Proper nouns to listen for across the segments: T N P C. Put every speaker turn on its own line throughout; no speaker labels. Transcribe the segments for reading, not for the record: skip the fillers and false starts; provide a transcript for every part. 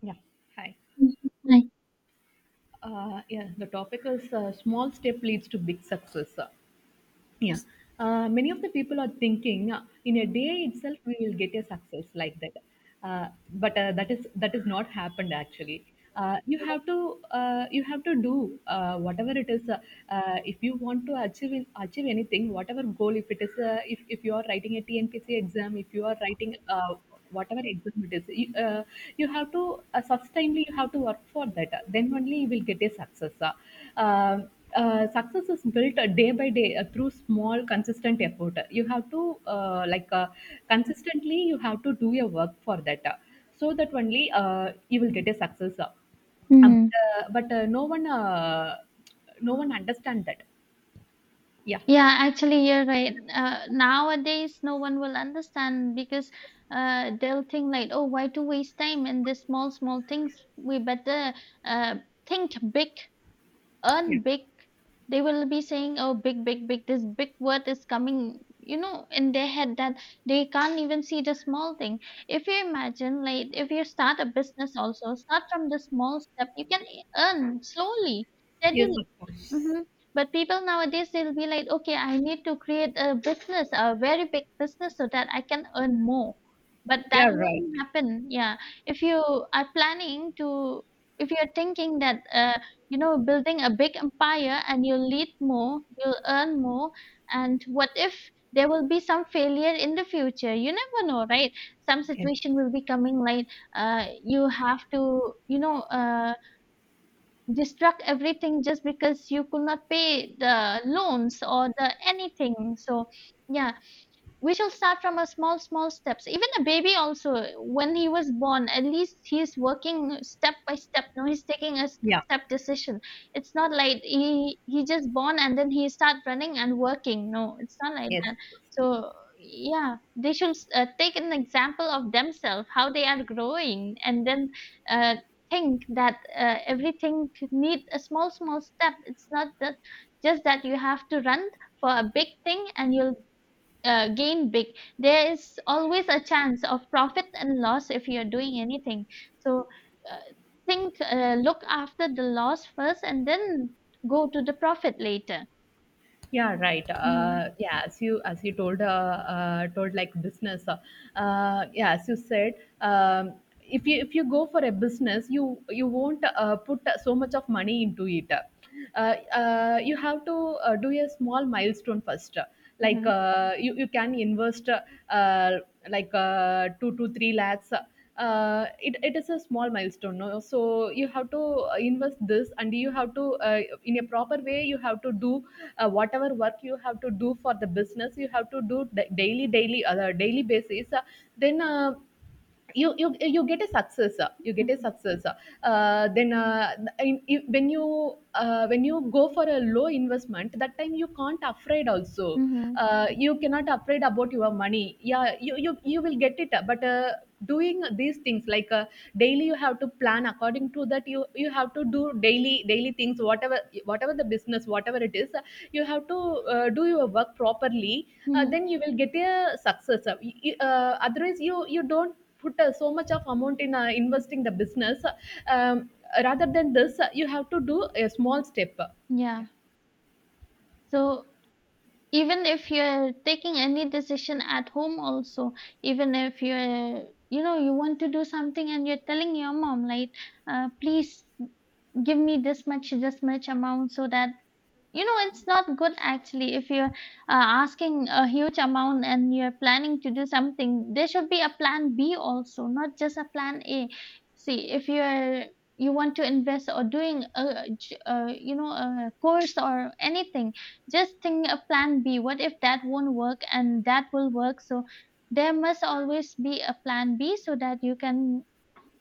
Yeah. Hi.
Mm. Right.
Yeah, the topic is small step leads to big success. Yeah. Many of the people are thinking in a day itself we will get a success like that, but that is not happened actually. You have to do whatever it is. If you want to achieve anything, whatever goal, if it is if you are writing a TNPC exam, if you are writing whatever exam it is you, you have to sustainably you have to work for that, then only you will get a success. Um, Success is built day by day through small consistent effort. You have to like consistently you have to do your work for that, so that only you will get a success.
Mm.
But No one understand that. Yeah.
Yeah, actually, you're right. Nowadays, no one will understand because they'll think like, oh, why to waste time in the small, small things? We better uh, think big,
Yeah.
earn big. They will be saying, oh, big, big, big. This big word is coming, in their head that they can't even see the small thing. If you imagine, like, if you start a business also, start from the small step, you can earn slowly,
Yes,
steadily.
of course.
Mhm. But people nowadays they'll be like, okay, I need to create a business, a very big business, so that I can earn more. But that
Yeah,
won't
right.
happen. Yeah, if you are planning to, if you're thinking that, building a big empire and you'll lead more, you'll earn more, and what if there will be some failure in the future? You never know, right? Some
Yes.
situation will be coming like, you have to, destruct everything just because you could not pay the loans or the anything. So, yeah, we shall start from a small, small steps. Even a baby also, when he was born, at least he's working step by step. No, he's taking a step
Yeah.
step decision. It's not like he just born and then he start running and working. No, it's not like.
Yes.
So yeah, they should take an example of themselves, how they are growing, and then uh, think that everything could need a small, small step. It's not that just that you have to run for a big thing and you'll gain big. There is always a chance of profit and loss if you're doing anything. So uh, think, look after the loss first, and then go to the profit later.
Yeah, right.
Hmm.
Yeah, as you told, like business. Yeah, as you said, um, if you go for a business, you won't put so much of money into it. Uh, you have to do a small milestone first. Like
Hmm.
you can invest uh, like 2 to 3 lakhs. It is a small milestone, no, so you have to invest this, and you have to, in a proper way, you have to do whatever work you have to do for the business. You have to do daily basis, then you get a successor. Then when you, when you go for a low investment, that time you can't afraid also.
Hmm.
You cannot afraid about your money. Yeah, you will get it, but doing these things, like daily you have to plan according to that. You have to do daily things, whatever, the business, whatever it is, you have to do your work properly.
Hmm.
Then you will get a success. Otherwise, you don't put so much of amount in investing the business. um, Rather than this, you have to do a small step.
Yeah.
Yeah.
So even if you're taking any decision at home also, even if you're, you want to do something and you're telling your mom, like, please give me this much amount so that it's not good actually if you're asking a huge amount and you're planning to do something. There should be a plan B also, not just a plan A. See, if you want to invest or doing a, j- you know a course or anything, just think a plan B. What if that won't work and that will work? So there must always be a plan B so that you can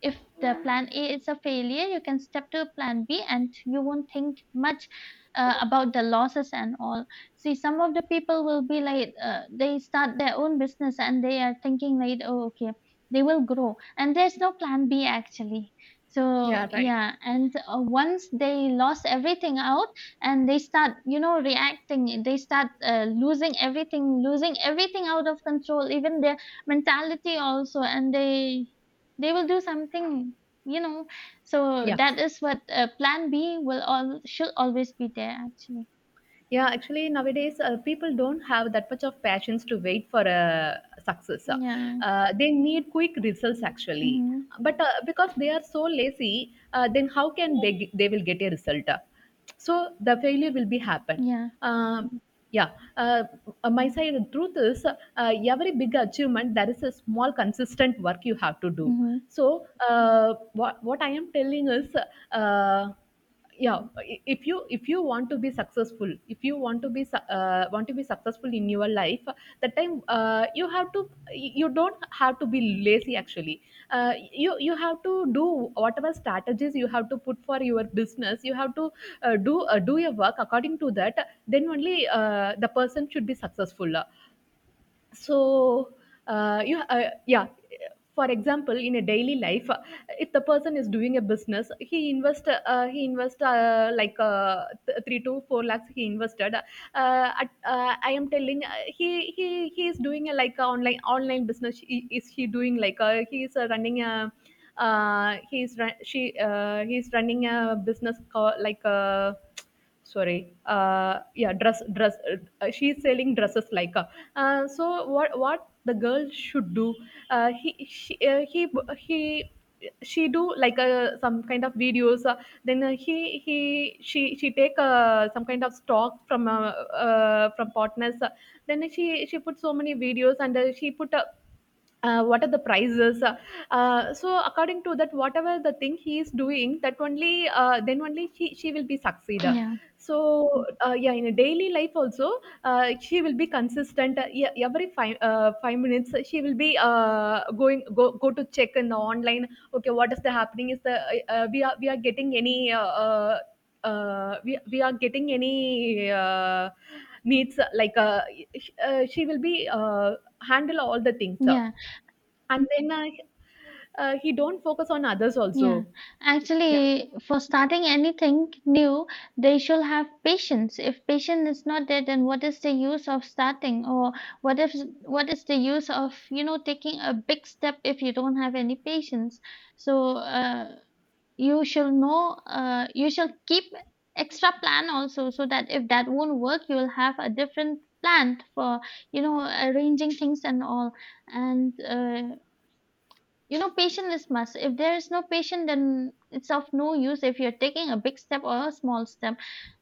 if the plan A is a failure, you can step to plan B and you won't think much about the losses and all. See, some of the people will be like, they start their own business and they are thinking, like, oh, okay, they will grow. And there's no plan B actually. So,
Yeah, right.
yeah, and once they lost everything out and they start, reacting, they start losing everything out of control, even their mentality also, and they will do something you know so
Yeah.
that is what plan B will all should always be there actually.
Yeah, actually, nowadays people don't have that much of patience to wait for a success.
Yeah.
They need quick results actually,
Mm-hmm.
but because they are so lazy, then how can they will get a result? So the failure will be happen.
Yeah.
Um, yeah, uh, my side, the truth is, every big achievement, there is a small consistent work you have to do.
Mm-hmm.
So what I am telling is. Uh, yeah if you want to be successful, if you want to want to be successful in your life, that time you have to, you don't have to be lazy actually. uh, you have to do whatever strategies you have to put for your business. You have to do your work according to that, then only the person should be successful. So you yeah, for example, in a daily life, if the person is doing a business, he invest, like 3 to 4 lakhs he invested. I am telling, he is doing a like a online business. He is running a he's run, she he's running a business called like a sorry yeah dress, she's selling dresses like so what the girl should do. He she, he She do like some kind of videos. Then he She take some kind of stock from partners. Then she put so many videos, and she put a what are the prices. So according to that, whatever the thing he is doing, that only, then only she will be succeed.
Yeah,
So yeah, in a daily life also, she will be consistent. Yeah, every 5 minutes she will be going go, go to check in the online, okay, what is the happening, is the, we are, getting any, we are getting any needs, like, she will be handle all the things,
yeah,
and then he don't focus on others
yeah,
also. Yeah.
actually for starting anything new they should have patience. If patience is not there then what is the use of starting or what if what is the use of taking a big step if you don't have any patience. So you shall know. You shall keep extra plan also so that if that won't work you will have a different plan for arranging things and all. And patience is must. If there is no patience then it's of no use if you're taking a big step or a small step.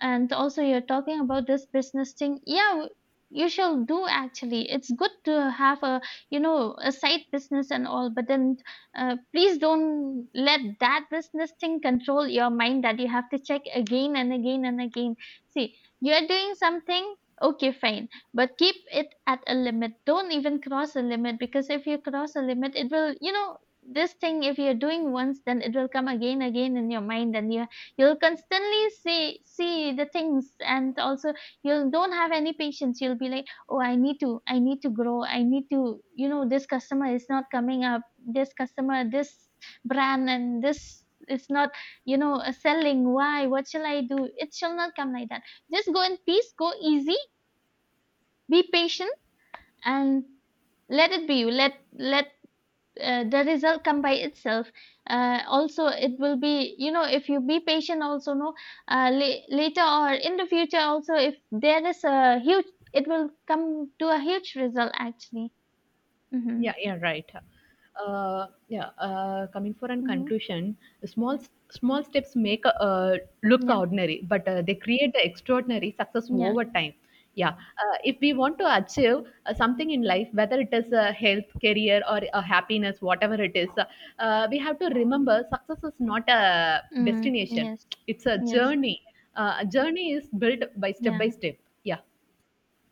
And also you're talking about this business thing, yeah, you shall do actually. It's good to have a you know a side business and all, but then please don't let that business thing control your mind, that you have to check again and again and again. See you're doing something, okay, fine, but keep it at a limit. Don't even cross a limit, because if you cross a limit it will, this thing if you're doing once then it will come again again in your mind, and you'll constantly see the things, and also you don't have any patience. You'll be like, oh, I need to grow. I need to, this customer is not coming up. This customer, this brand, and this is not, selling. Why? What shall I do? It shall not come like that. Just go in peace. Go easy. Be patient and let it be let let the result come by itself. Also it will be, if you be patient also no later or in the future also, if there is a huge, it will come to a huge result actually. Mm-hmm.
Yeah, yeah, right. Yeah, coming for an
Mm-hmm.
conclusion, small small steps make look
Yeah,
ordinary, but they create the extraordinary success
yeah.
over time. Yeah, if we want to achieve something in life, whether it is a health, career, or a happiness, whatever it is, we have to remember success is not a
Mm.
destination;
Yes.
it's a
Yes.
journey. A journey is built by step by
Yeah.
step. Yeah.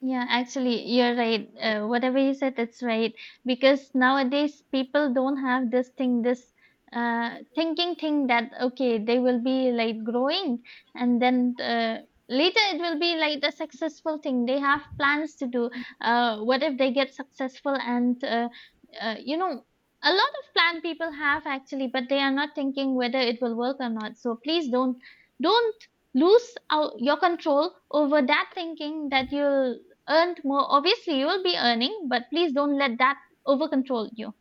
Yeah, actually, you're right. Whatever you said, that's right. Because nowadays, people don't have this thing, this thinking thing that, okay, they will be like growing and then later it will be like the successful thing. They have plans to do. What if they get successful and, uh, you know, a lot of plan people have actually, but they are not thinking whether it will work or not. So please don't lose out your control over that thinking that you'll earned more, obviously you will be earning, but please don't let that over control you.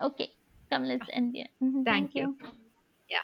Okay, come, let's
Yeah.
end here. Mhm,
Thank
thank
you.
you.
Yeah.